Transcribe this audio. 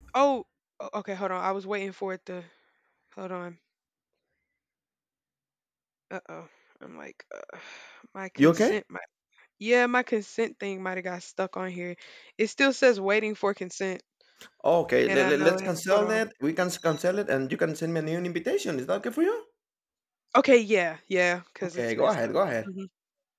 Oh, okay. Hold on. I was waiting for it to. Hold on. Uh oh. I'm like, my You okay? consent. My yeah, my consent thing might have got stuck on here. It still says waiting for consent, Okay, and let, I let, know let's it. Hold cancel on. it. We can cancel it and you can send me a new invitation. Is that okay for you? Okay. Yeah. Yeah. Cause it's Okay, go messed ahead, up. go ahead. Mm-hmm.